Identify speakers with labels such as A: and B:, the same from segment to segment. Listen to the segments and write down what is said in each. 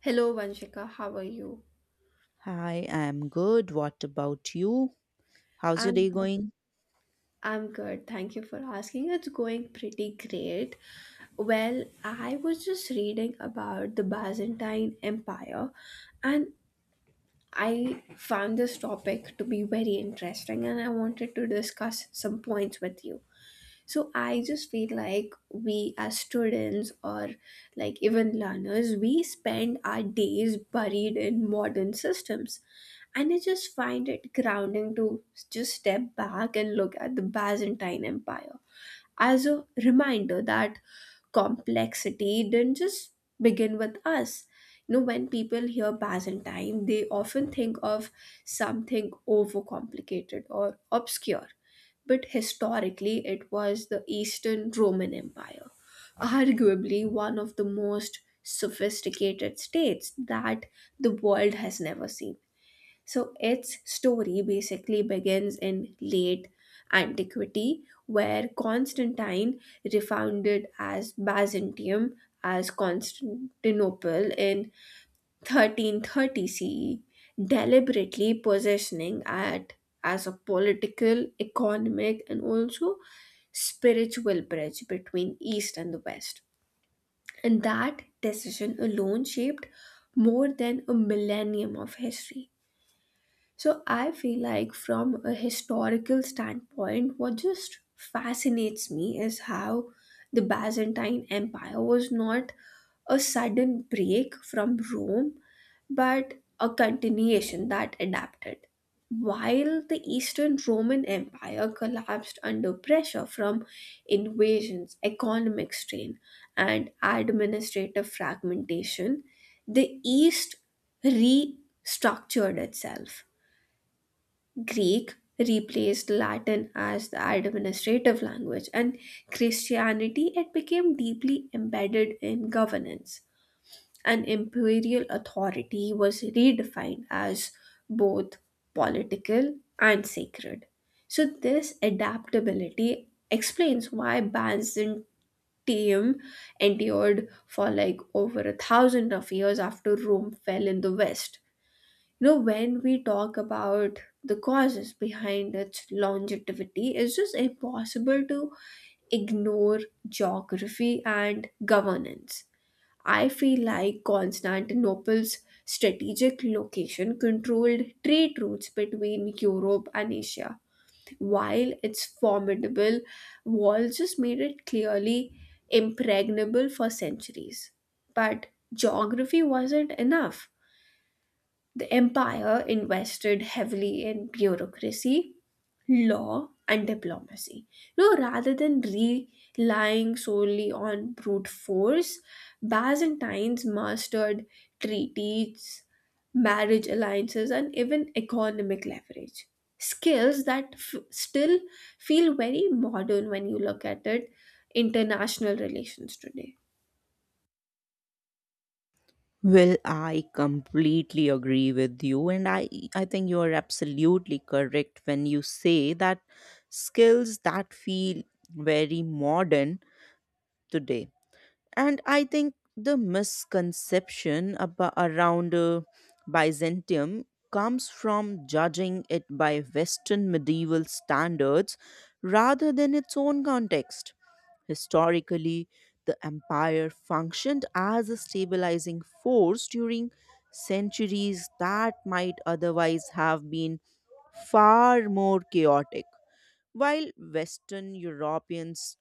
A: Hello, Vanshika. How are you?
B: Hi, I'm good. What about you? How's your
A: I'm
B: day
A: good.
B: going?
A: Thank you for asking. It's going pretty great. Well, I was just reading about the Byzantine Empire and I found this topic to be very interesting, and I wanted to discuss some points with you. So I just feel like we as students or like even learners, we spend our days buried in modern systems. And I just find it grounding to just step back and look at the Byzantine Empire as a reminder that complexity didn't just begin with us. You know, when people hear Byzantine, they often think of something overcomplicated or obscure. But historically, it was the Eastern Roman Empire, arguably one of the most sophisticated states that the world has never seen. So its story basically begins in late antiquity, where Constantine refounded as Byzantium, as Constantinople in 1330 CE, deliberately positioning it as a political, economic, and also spiritual bridge between East and the West. And that decision alone shaped more than a millennium of history. So I feel like, from a historical standpoint, what just fascinates me is how the Byzantine Empire was not a sudden break from Rome, but a continuation that adapted. While the Eastern Roman Empire collapsed under pressure from invasions, economic strain, and administrative fragmentation, the East restructured itself. Greek replaced Latin as the administrative language, and Christianity it became deeply embedded in governance. And imperial authority was redefined as both political and sacred. So this adaptability explains why Byzantium endured for like over a thousand of years after Rome fell in the West. You know, when we talk about the causes behind its longevity, it's just impossible to ignore geography and governance. I feel like Constantinople's strategic location controlled trade routes between Europe and Asia, while its formidable walls just made it clearly impregnable for centuries. But geography wasn't enough. The empire invested heavily in bureaucracy, law, and diplomacy. You know, rather than relying solely on brute force, Byzantines mastered treaties, marriage alliances, and even economic leverage. Skills that still feel very modern when you look at it, international relations today.
B: Well, I completely agree with you, and I think you are absolutely correct when you say that skills that feel very modern today. And I think the misconception around Byzantium comes from judging it by Western medieval standards rather than its own context. Historically, the empire functioned as a stabilizing force during centuries that might otherwise have been far more chaotic. While Western Europeans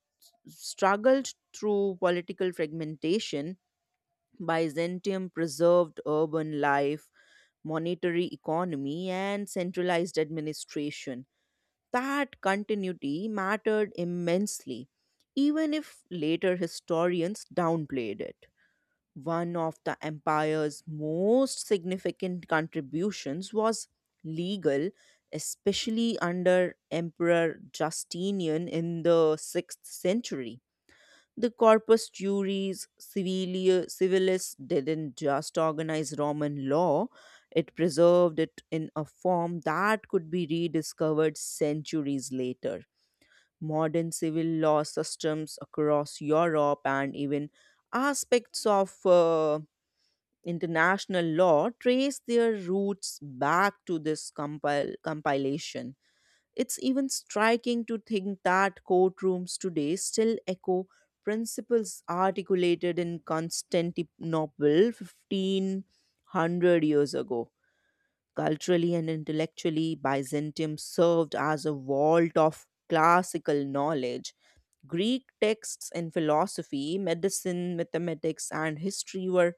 B: struggled through political fragmentation, Byzantium preserved urban life, monetary economy, and centralized administration. That continuity mattered immensely, even if later historians downplayed it. One of the empire's most significant contributions was legal, especially under Emperor Justinian in the 6th century. The corpus juris civilis didn't just organize Roman law, it preserved it in a form that could be rediscovered centuries later. Modern civil law systems across Europe and even aspects of international law trace their roots back to this compilation. It's even striking to think that courtrooms today still echo principles articulated in Constantinople 1500 years ago. Culturally and intellectually, Byzantium served as a vault of classical knowledge. Greek texts in philosophy, medicine, mathematics, and history were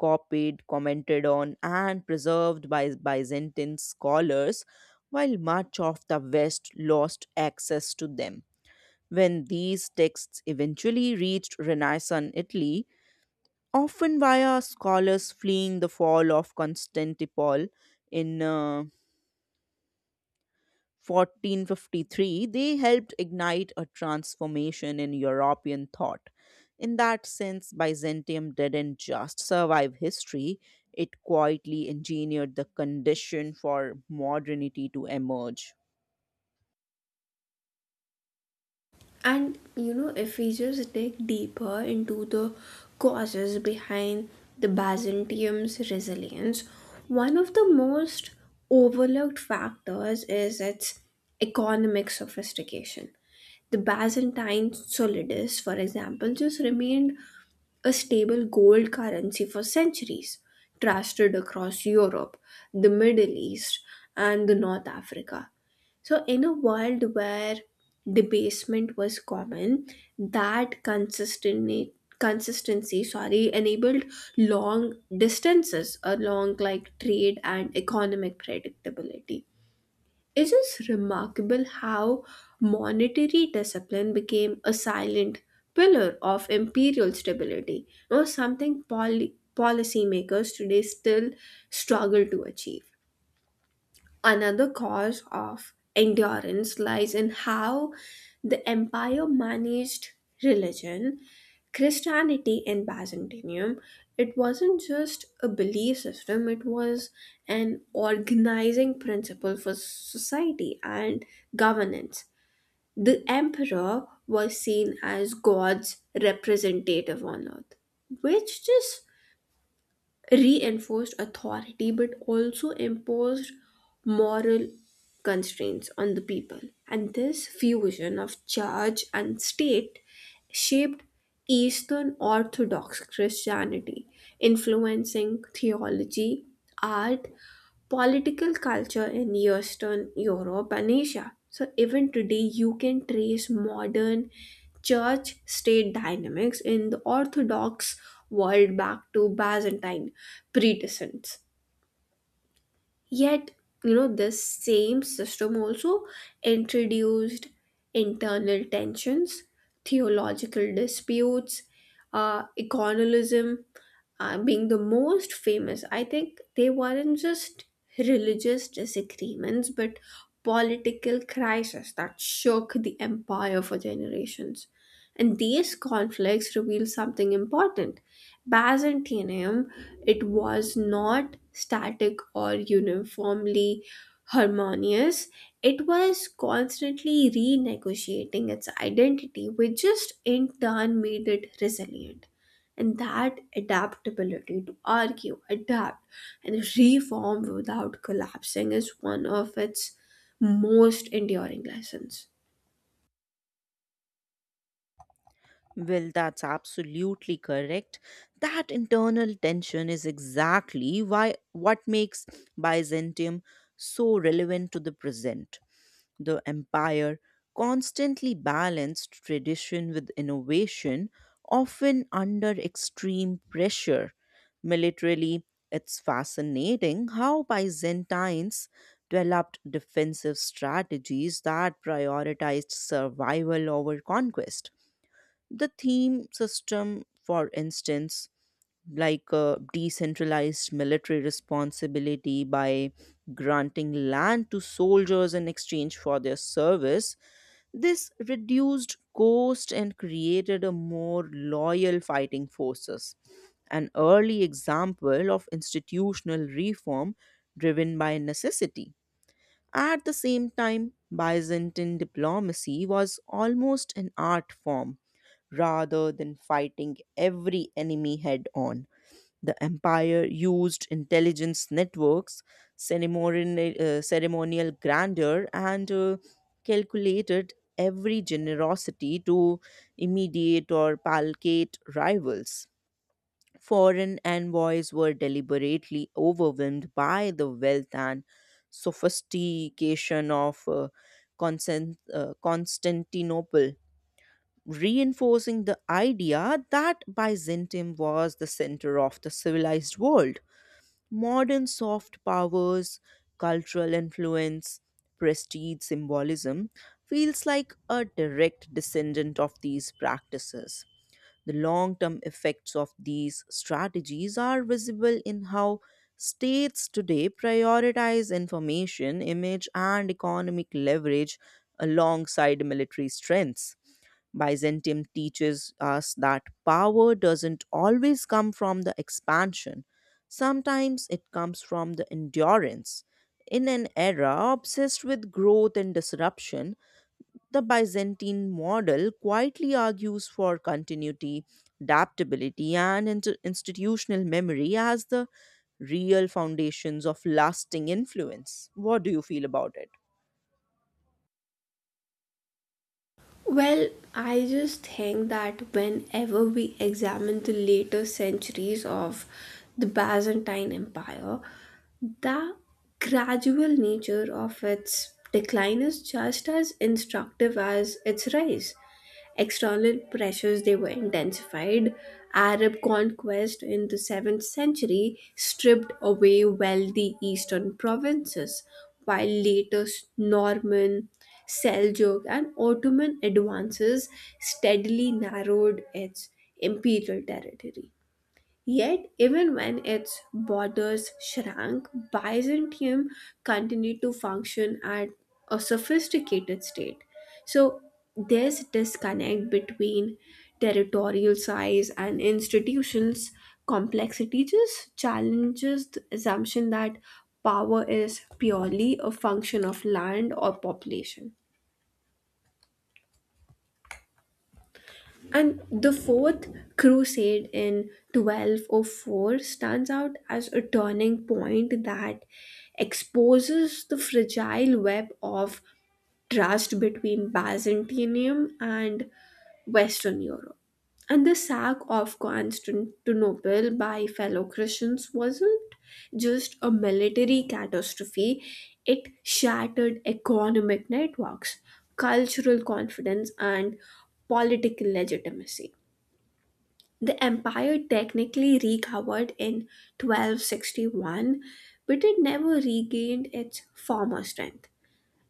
B: copied, commented on, and preserved by Byzantine scholars, while much of the West lost access to them. When these texts eventually reached Renaissance Italy, often via scholars fleeing the fall of Constantinople in 1453, they helped ignite a transformation in European thought. In that sense, Byzantium didn't just survive history, it quietly engineered the condition for modernity to emerge.
A: And you know, if we just dig deeper into the causes behind the Byzantium's resilience, one of the most overlooked factors is its economic sophistication. The Byzantine solidus, for example, just remained a stable gold currency for centuries, trusted across Europe, the Middle East, and the North Africa. So, in a world where debasement was common, that consistent consistency sorry enabled long distances along like trade and economic predictability. It's just remarkable how monetary discipline became a silent pillar of imperial stability, or something policymakers today still struggle to achieve. Another cause of endurance lies in how the empire managed religion. Christianity in Byzantium, it wasn't just a belief system, it was an organizing principle for society and governance. The emperor was seen as God's representative on earth, which just reinforced authority but also imposed moral constraints on the people. And this fusion of church and state shaped Eastern Orthodox Christianity, influencing theology, art, political culture in Eastern Europe and Asia. So, even today, you can trace modern church state dynamics in the Orthodox world back to Byzantine predecessors. Yet, you know, this same system also introduced internal tensions, theological disputes, economism, being the most famous, I think they weren't just religious disagreements, but political crises that shook the empire for generations. And these conflicts reveal something important. Byzantium, it was not static or uniformly harmonious. It was constantly renegotiating its identity, which just in turn made it resilient. And that adaptability to argue, adapt, and reform without collapsing is one of its most enduring lessons.
B: Well, that's absolutely correct. That internal tension is exactly why what makes Byzantium so relevant to the present. The empire constantly balanced tradition with innovation, often under extreme pressure. Militarily, it's fascinating how Byzantines developed defensive strategies that prioritized survival over conquest. The theme system, for instance, like a decentralized military responsibility by granting land to soldiers in exchange for their service. This reduced cost and created a more loyal fighting forces. An early example of institutional reform driven by necessity. At the same time, Byzantine diplomacy was almost an art form rather than fighting every enemy head on. The empire used intelligence networks, ceremonial grandeur, and calculated every generosity to immediate or placate rivals. Foreign envoys were deliberately overwhelmed by the wealth and sophistication of Constantinople, reinforcing the idea that Byzantium was the center of the civilized world. Modern soft powers, cultural influence, prestige symbolism feels like a direct descendant of these practices. The long term effects of these strategies are visible in how states today prioritize information, image, and economic leverage alongside military strengths. Byzantium teaches us that power doesn't always come from the expansion, sometimes it comes from the endurance. In an era obsessed with growth and disruption, the Byzantine model quietly argues for continuity, adaptability, and institutional memory as the real foundations of lasting influence. What do you feel about it?
A: Well, I just think that whenever we examine the later centuries of the Byzantine Empire, the gradual nature of its decline is just as instructive as its rise. External pressures they were intensified. Arab conquest in the 7th century stripped away wealthy eastern provinces, while later Norman, Seljuk, and Ottoman advances steadily narrowed its imperial territory. Yet, even when its borders shrank, Byzantium continued to function at a sophisticated state. So, this disconnect between territorial size and institutions complexity just challenges the assumption that power is purely a function of land or population. And the Fourth Crusade in 1204 stands out as a turning point that exposes the fragile web of trust between Byzantium and Western Europe. And the sack of Constantinople by fellow Christians wasn't just a military catastrophe, it shattered economic networks, cultural confidence, and political legitimacy. The empire technically recovered in 1261, but it never regained its former strength.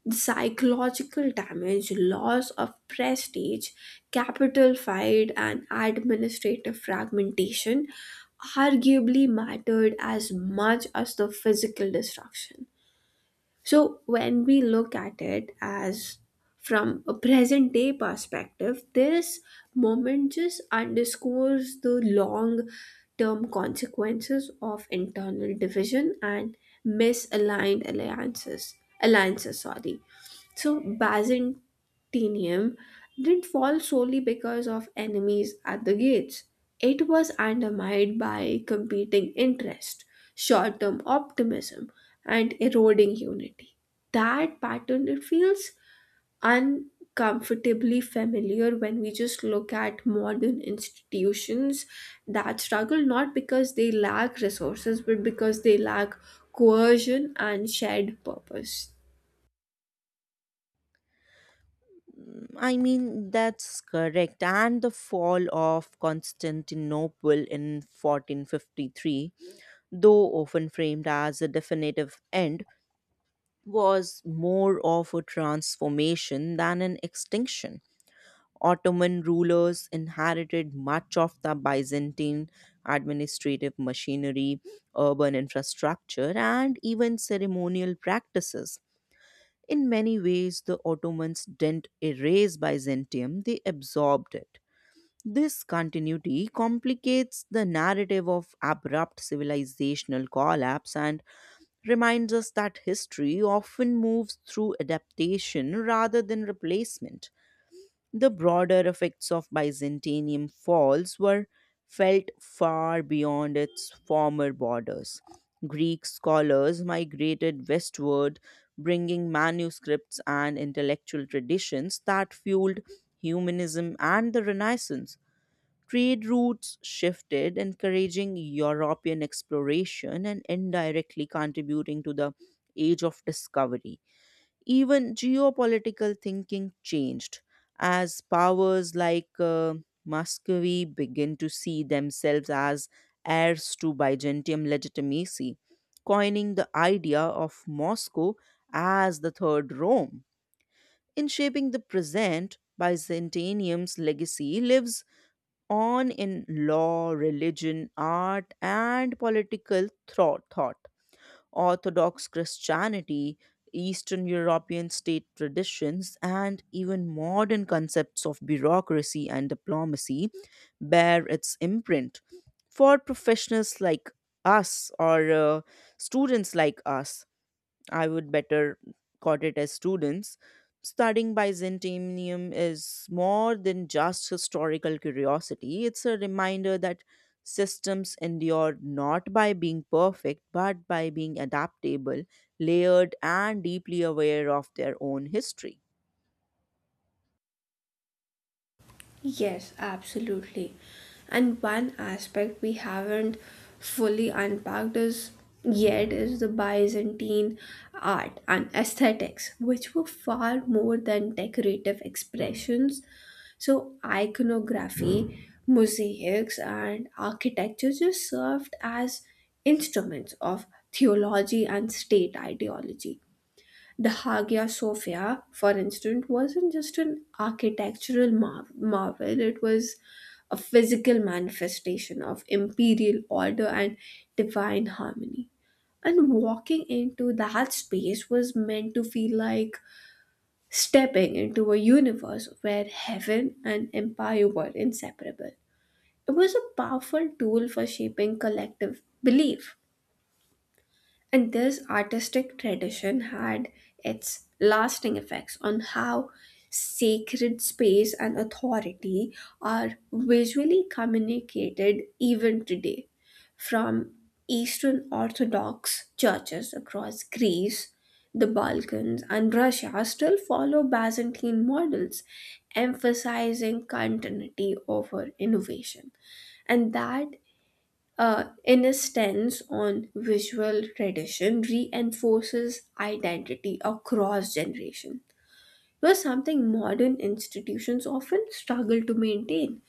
A: Psychological damage, loss of prestige, capital fight, and administrative fragmentation arguably mattered as much as the physical destruction. So, when we look at it as from a present day perspective, this moment just underscores the long term consequences of internal division and misaligned alliances. Alliances, sorry. So Byzantium didn't fall solely because of enemies at the gates. It was undermined by competing interest, short-term optimism, and eroding unity. That pattern it feels uncomfortably familiar when we just look at modern institutions that struggle not because they lack resources but because they lack coercion and shared purpose.
B: I mean, that's correct. And the fall of Constantinople in 1453, though often framed as a definitive end, was more of a transformation than an extinction. Ottoman rulers inherited much of the Byzantine administrative machinery, urban infrastructure, and even ceremonial practices. In many ways, the Ottomans didn't erase Byzantium, they absorbed it. This continuity complicates the narrative of abrupt civilizational collapse and reminds us that history often moves through adaptation rather than replacement. The broader effects of Byzantinium falls were felt far beyond its former borders. Greek scholars migrated westward, bringing manuscripts and intellectual traditions that fueled humanism and the Renaissance. Trade routes shifted, encouraging European exploration and indirectly contributing to the Age of Discovery. Even geopolitical thinking changed as powers like Muscovy begin to see themselves as heirs to Byzantium legitimacy, coining the idea of Moscow as the Third Rome. In shaping the present, Byzantium's legacy lives on in law, religion, art, and political thought. Orthodox Christianity, Eastern European state traditions, and even modern concepts of bureaucracy and diplomacy bear its imprint. For professionals like us or students like us, I would better call it as students. Studying Byzantium is more than just historical curiosity. It's a reminder that systems endure not by being perfect, but by being adaptable, layered, and deeply aware of their own history.
A: Yes, absolutely. And one aspect we haven't fully unpacked is yet is the Byzantine art and aesthetics, which were far more than decorative expressions. So iconography, mosaics, and architecture just served as instruments of theology and state ideology. The Hagia Sophia, for instance, wasn't just an architectural marvel, it was a physical manifestation of imperial order and divine harmony. And walking into that space was meant to feel like stepping into a universe where heaven and empire were inseparable. It was a powerful tool for shaping collective belief. And this artistic tradition had its lasting effects on how sacred space and authority are visually communicated even today. From Eastern Orthodox churches across Greece, the Balkans, and Russia still follow Byzantine models, emphasizing continuity over innovation. And that insistence on visual tradition reinforces identity across generation. It was something modern institutions often struggle to maintain.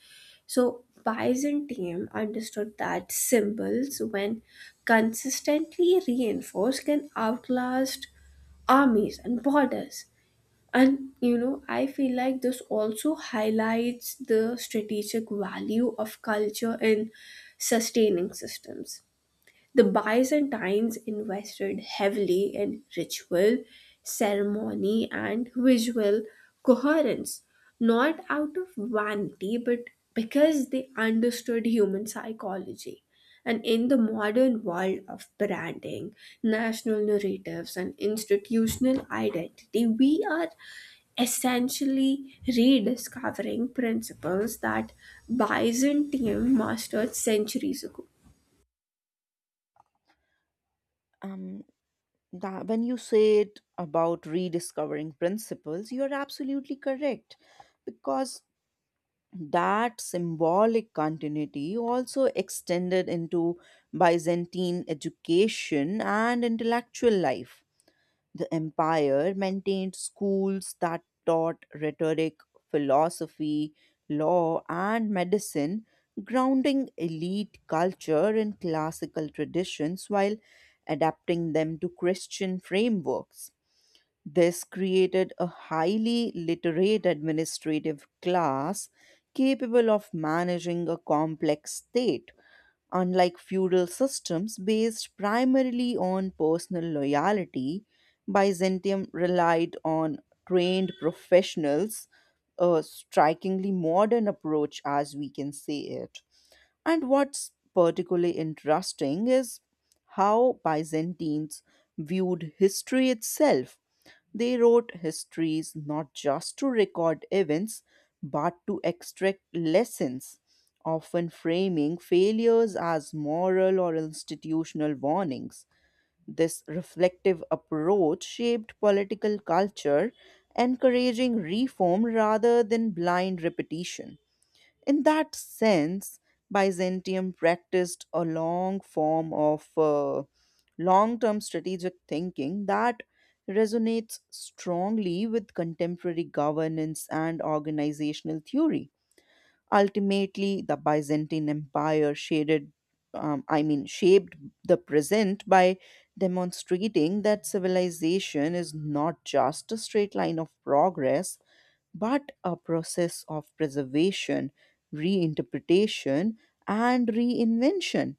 A: So Byzantium understood that symbols, when consistently reinforced, can outlast armies and borders. And you know, I feel like this also highlights the strategic value of culture in sustaining systems. The Byzantines invested heavily in ritual, ceremony, and visual coherence, not out of vanity but because they understood human psychology. And in the modern world of branding, national narratives, and institutional identity, we are essentially rediscovering principles that Byzantium mastered centuries ago.
B: um that when you said about rediscovering principles you're absolutely correct because that symbolic continuity also extended into Byzantine education and intellectual life. The empire maintained schools that taught rhetoric, philosophy, law, and medicine, grounding elite culture in classical traditions while adapting them to Christian frameworks. This created a highly literate administrative class capable of managing a complex state, unlike feudal systems based primarily on personal loyalty. Byzantium relied on trained professionals, a strikingly modern approach as we can say it. And what's particularly interesting is how Byzantines viewed history itself. They wrote histories not just to record events, but to extract lessons, often framing failures as moral or institutional warnings. This reflective approach shaped political culture, encouraging reform rather than blind repetition. In that sense, Byzantium practiced a long form of long term strategic thinking that resonates strongly with contemporary governance and organizational theory. Ultimately, the Byzantine Empire shaped the present by demonstrating that civilization is not just a straight line of progress, but a process of preservation, reinterpretation, and reinvention.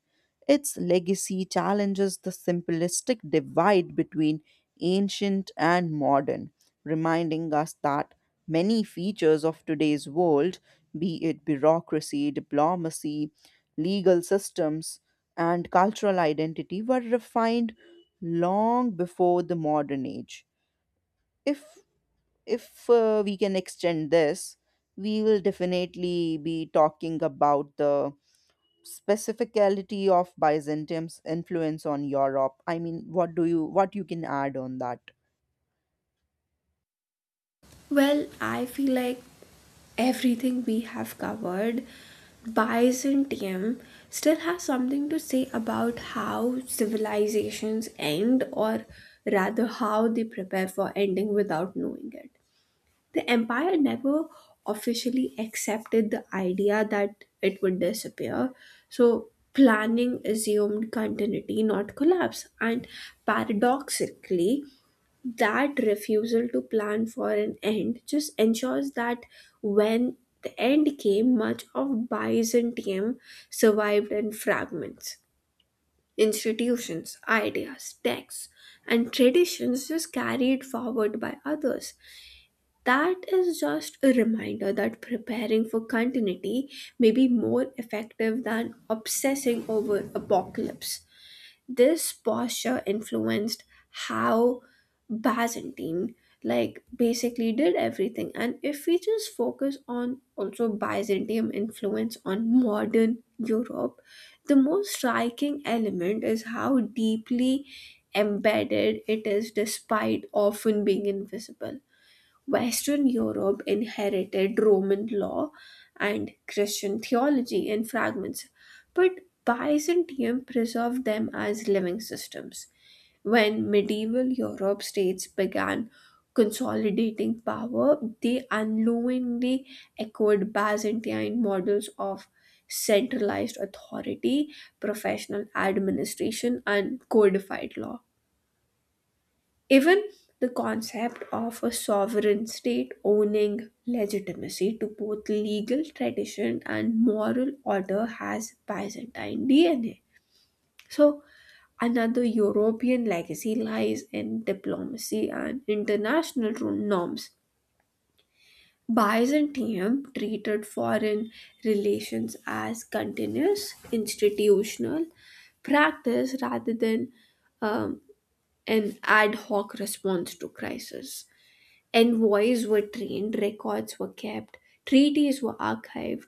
B: Its legacy challenges the simplistic divide between ancient and modern, reminding us that many features of today's world, be it bureaucracy, diplomacy, legal systems, and cultural identity, were refined long before the modern age. If if we can extend this, we will definitely be talking about the specificality of Byzantium's influence on Europe. I mean, what do you what you can add on that?
A: Well, I feel like everything we have covered, Byzantium still has something to say about how civilizations end, or rather, how they prepare for ending without knowing it. The empire never officially accepted the idea that it would disappear, so planning assumed continuity, not collapse, and paradoxically, that refusal to plan for an end just ensures that when the end came, much of Byzantium survived in fragments. Institutions, ideas, texts, and traditions just carried forward by others. That is just a reminder that preparing for continuity may be more effective than obsessing over apocalypse. This posture influenced how Byzantine like basically did everything. And if we just focus on also Byzantium influence on modern Europe, the most striking element is how deeply embedded it is despite often being invisible. Western Europe inherited Roman law and Christian theology in fragments, but Byzantium preserved them as living systems. When medieval Europe states began consolidating power, they unknowingly echoed Byzantine models of centralized authority, professional administration, and codified law. Even the concept of a sovereign state owning legitimacy to both legal tradition and moral order has Byzantine DNA. So, another European legacy lies in diplomacy and international norms. Byzantium treated foreign relations as continuous institutional practice rather than um, an ad hoc response to crisis. Envoys were trained, records were kept, treaties were archived.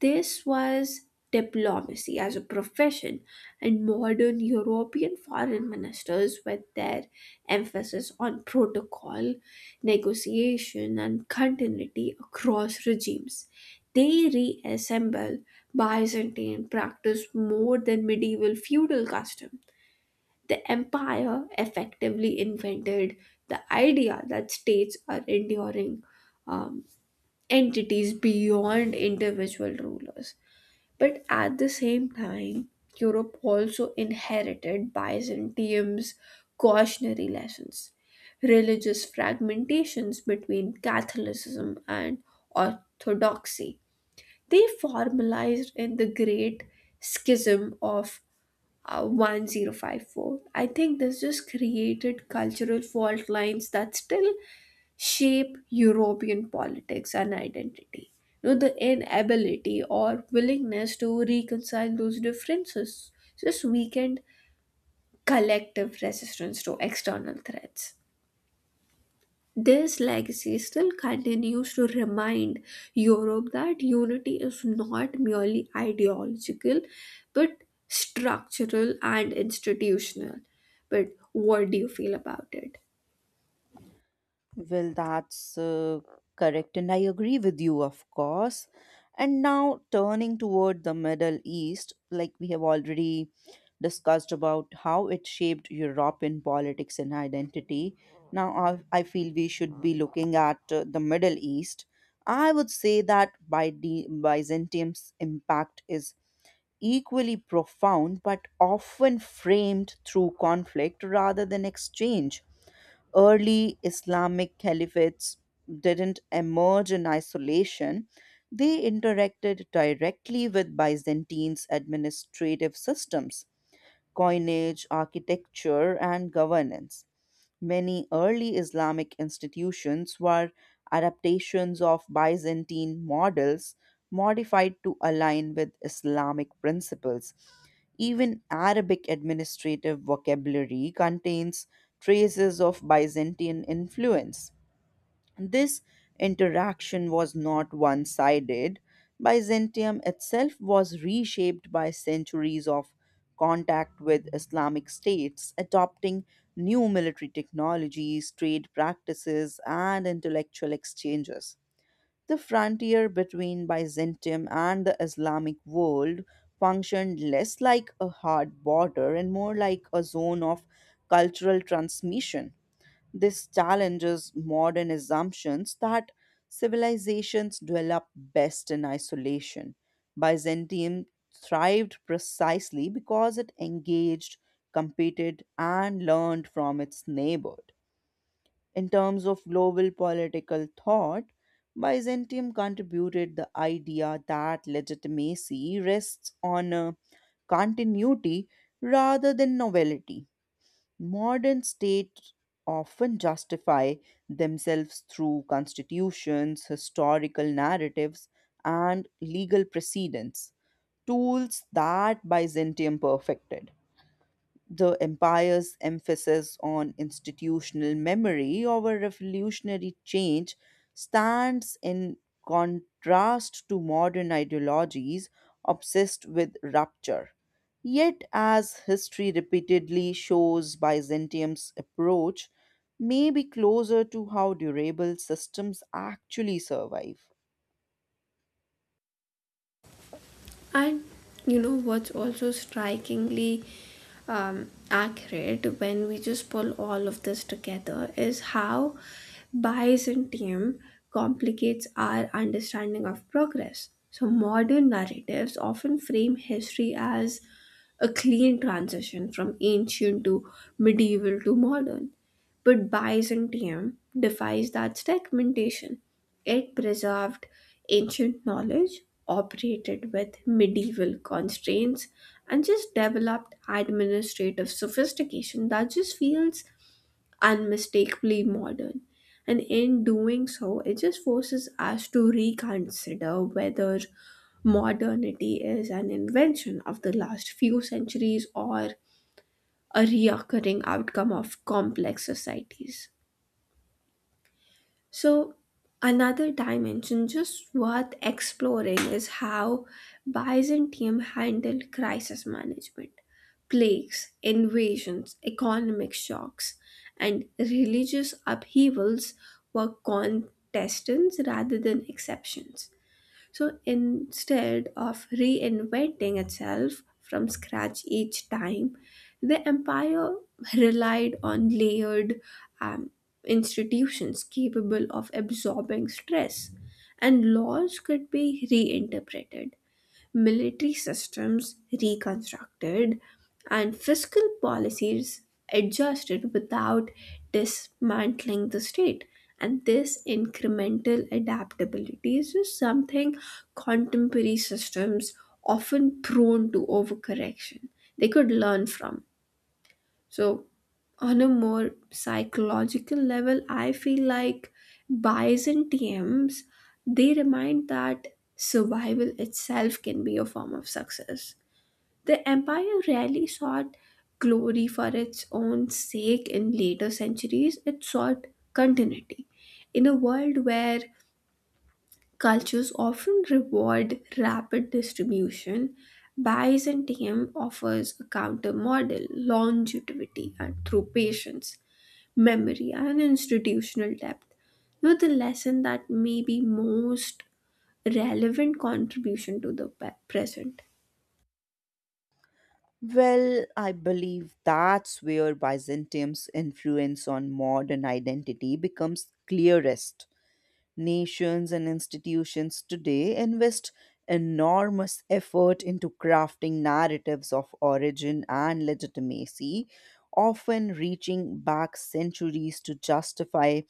A: This was diplomacy as a profession, and modern European foreign ministers, with their emphasis on protocol, negotiation, and continuity across regimes, they reassemble Byzantine practice more than medieval feudal custom. The empire effectively invented the idea that states are enduring um, entities beyond individual rulers. But at the same time, Europe also inherited Byzantium's cautionary lessons, religious fragmentations between Catholicism and Orthodoxy. They formalized in the Great Schism of 1054. I think this just created cultural fault lines that still shape European politics and identity. You know, the inability or willingness to reconcile those differences just weakened collective resistance to external threats. This legacy still continues to remind Europe that unity is not merely ideological but structural and institutional. But what do you feel about it?
B: Well, that's correct, and I agree with you, of course. And now turning toward the Middle East, like we have already discussed about how it shaped European politics and identity. Now I feel we should be looking at the Middle East. I would say that by the Byzantium's impact is equally profound, but often framed through conflict rather than exchange. Early Islamic caliphates didn't emerge in isolation, they interacted directly with Byzantine's administrative systems, coinage, architecture, and governance. Many early Islamic institutions were adaptations of Byzantine models modified to align with Islamic principles. Even Arabic administrative vocabulary contains traces of Byzantine influence. This interaction was not one sided. Byzantium itself was reshaped by centuries of contact with Islamic states, adopting new military technologies, trade practices, and intellectual exchanges. The frontier between Byzantium and the Islamic world functioned less like a hard border and more like a zone of cultural transmission. This challenges modern assumptions that civilizations develop best in isolation. Byzantium thrived precisely because it engaged, competed, and learned from its neighborhood. In terms of global political thought, Byzantium contributed the idea that legitimacy rests on a continuity rather than novelty. Modern states often justify themselves through constitutions, historical narratives, and legal precedents, tools that Byzantium perfected. The empire's emphasis on institutional memory over revolutionary change stands in contrast to modern ideologies obsessed with rupture. Yet, as history repeatedly shows, Byzantium's approach may be closer to how durable systems actually survive.
A: And you know what's also strikingly accurate when we just pull all of this together is how Byzantium complicates our understanding of progress. So, modern narratives often frame history as a clean transition from ancient to medieval to modern, but Byzantium defies that segmentation. It preserved ancient knowledge, operated with medieval constraints, and just developed administrative sophistication that just feels unmistakably modern. And in doing so, it just forces us to reconsider whether modernity is an invention of the last few centuries or a reoccurring outcome of complex societies. So, another dimension just worth exploring is how Byzantium handled crisis management. Plagues, invasions, economic shocks, and religious upheavals were contestants rather than exceptions. So instead of reinventing itself from scratch each time, the empire relied on layered um, institutions capable of absorbing stress, and laws could be reinterpreted, military systems reconstructed, and fiscal policies adjusted without dismantling the state. And this incremental adaptability is just something contemporary systems, often prone to overcorrection, they could learn from. So, on a more psychological level, I feel like buys and TMs they remind that survival itself can be a form of success. The empire rarely sought glory for its own sake. In later centuries, it sought continuity. In a world where cultures often reward rapid distribution, Byzantium offers a counter model, longevity and through patience, memory, and institutional depth. Now, the lesson that may be most relevant contribution to the present.
B: Well, I believe that's where Byzantium's influence on modern identity becomes clearest. Nations and institutions today invest enormous effort into crafting narratives of origin and legitimacy, often reaching back centuries to justify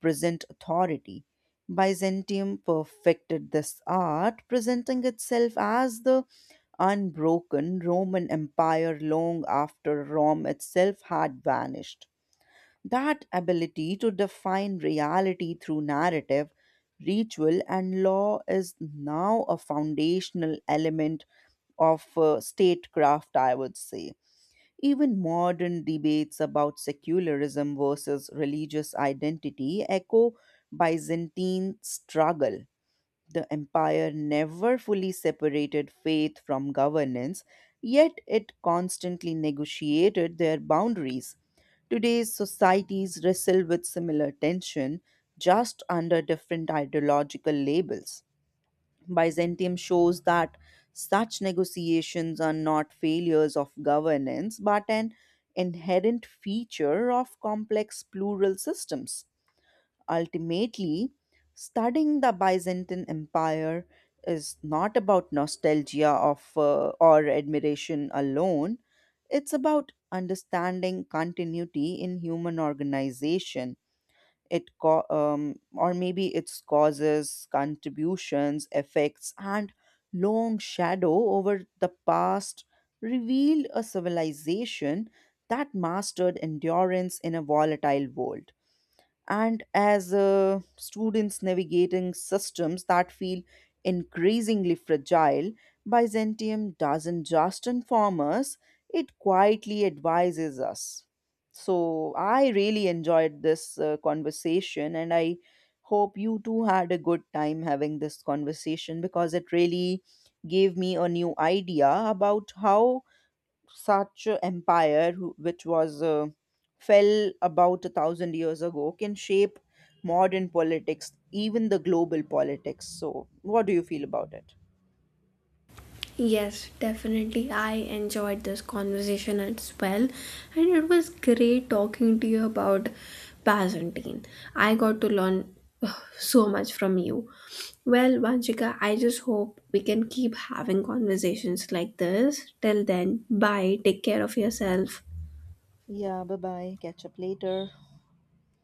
B: present authority. Byzantium perfected this art, presenting itself as the unbroken Roman Empire long after Rome itself had vanished. That ability to define reality through narrative, ritual, and law is now a foundational element of statecraft, I would say. Even modern debates about secularism versus religious identity echo Byzantine struggle. The empire never fully separated faith from governance, yet it constantly negotiated their boundaries. Today's societies wrestle with similar tension, just under different ideological labels. Byzantium shows that such negotiations are not failures of governance, but an inherent feature of complex plural systems. Ultimately, studying the Byzantine Empire is not about nostalgia of or admiration alone. It's about understanding continuity in human organization. Or maybe its causes, contributions, effects, and long shadow over the past reveal a civilization that mastered endurance in a volatile world. And as students navigating systems that feel increasingly fragile, Byzantium doesn't just inform us, it quietly advises us. So, I really enjoyed this conversation, and I hope you too had a good time having this conversation because it really gave me a new idea about how such a empire which was fell about a thousand years ago can shape modern politics, even the global politics. So what do you feel about it?
A: Yes, definitely. I enjoyed this conversation as well, and it was great talking to you about Byzantine. I got to learn so much from you. Well, Vanchika, I just hope we can keep having conversations like this. Till then, bye. Take care of yourself.
B: Yeah, bye bye. Catch up later.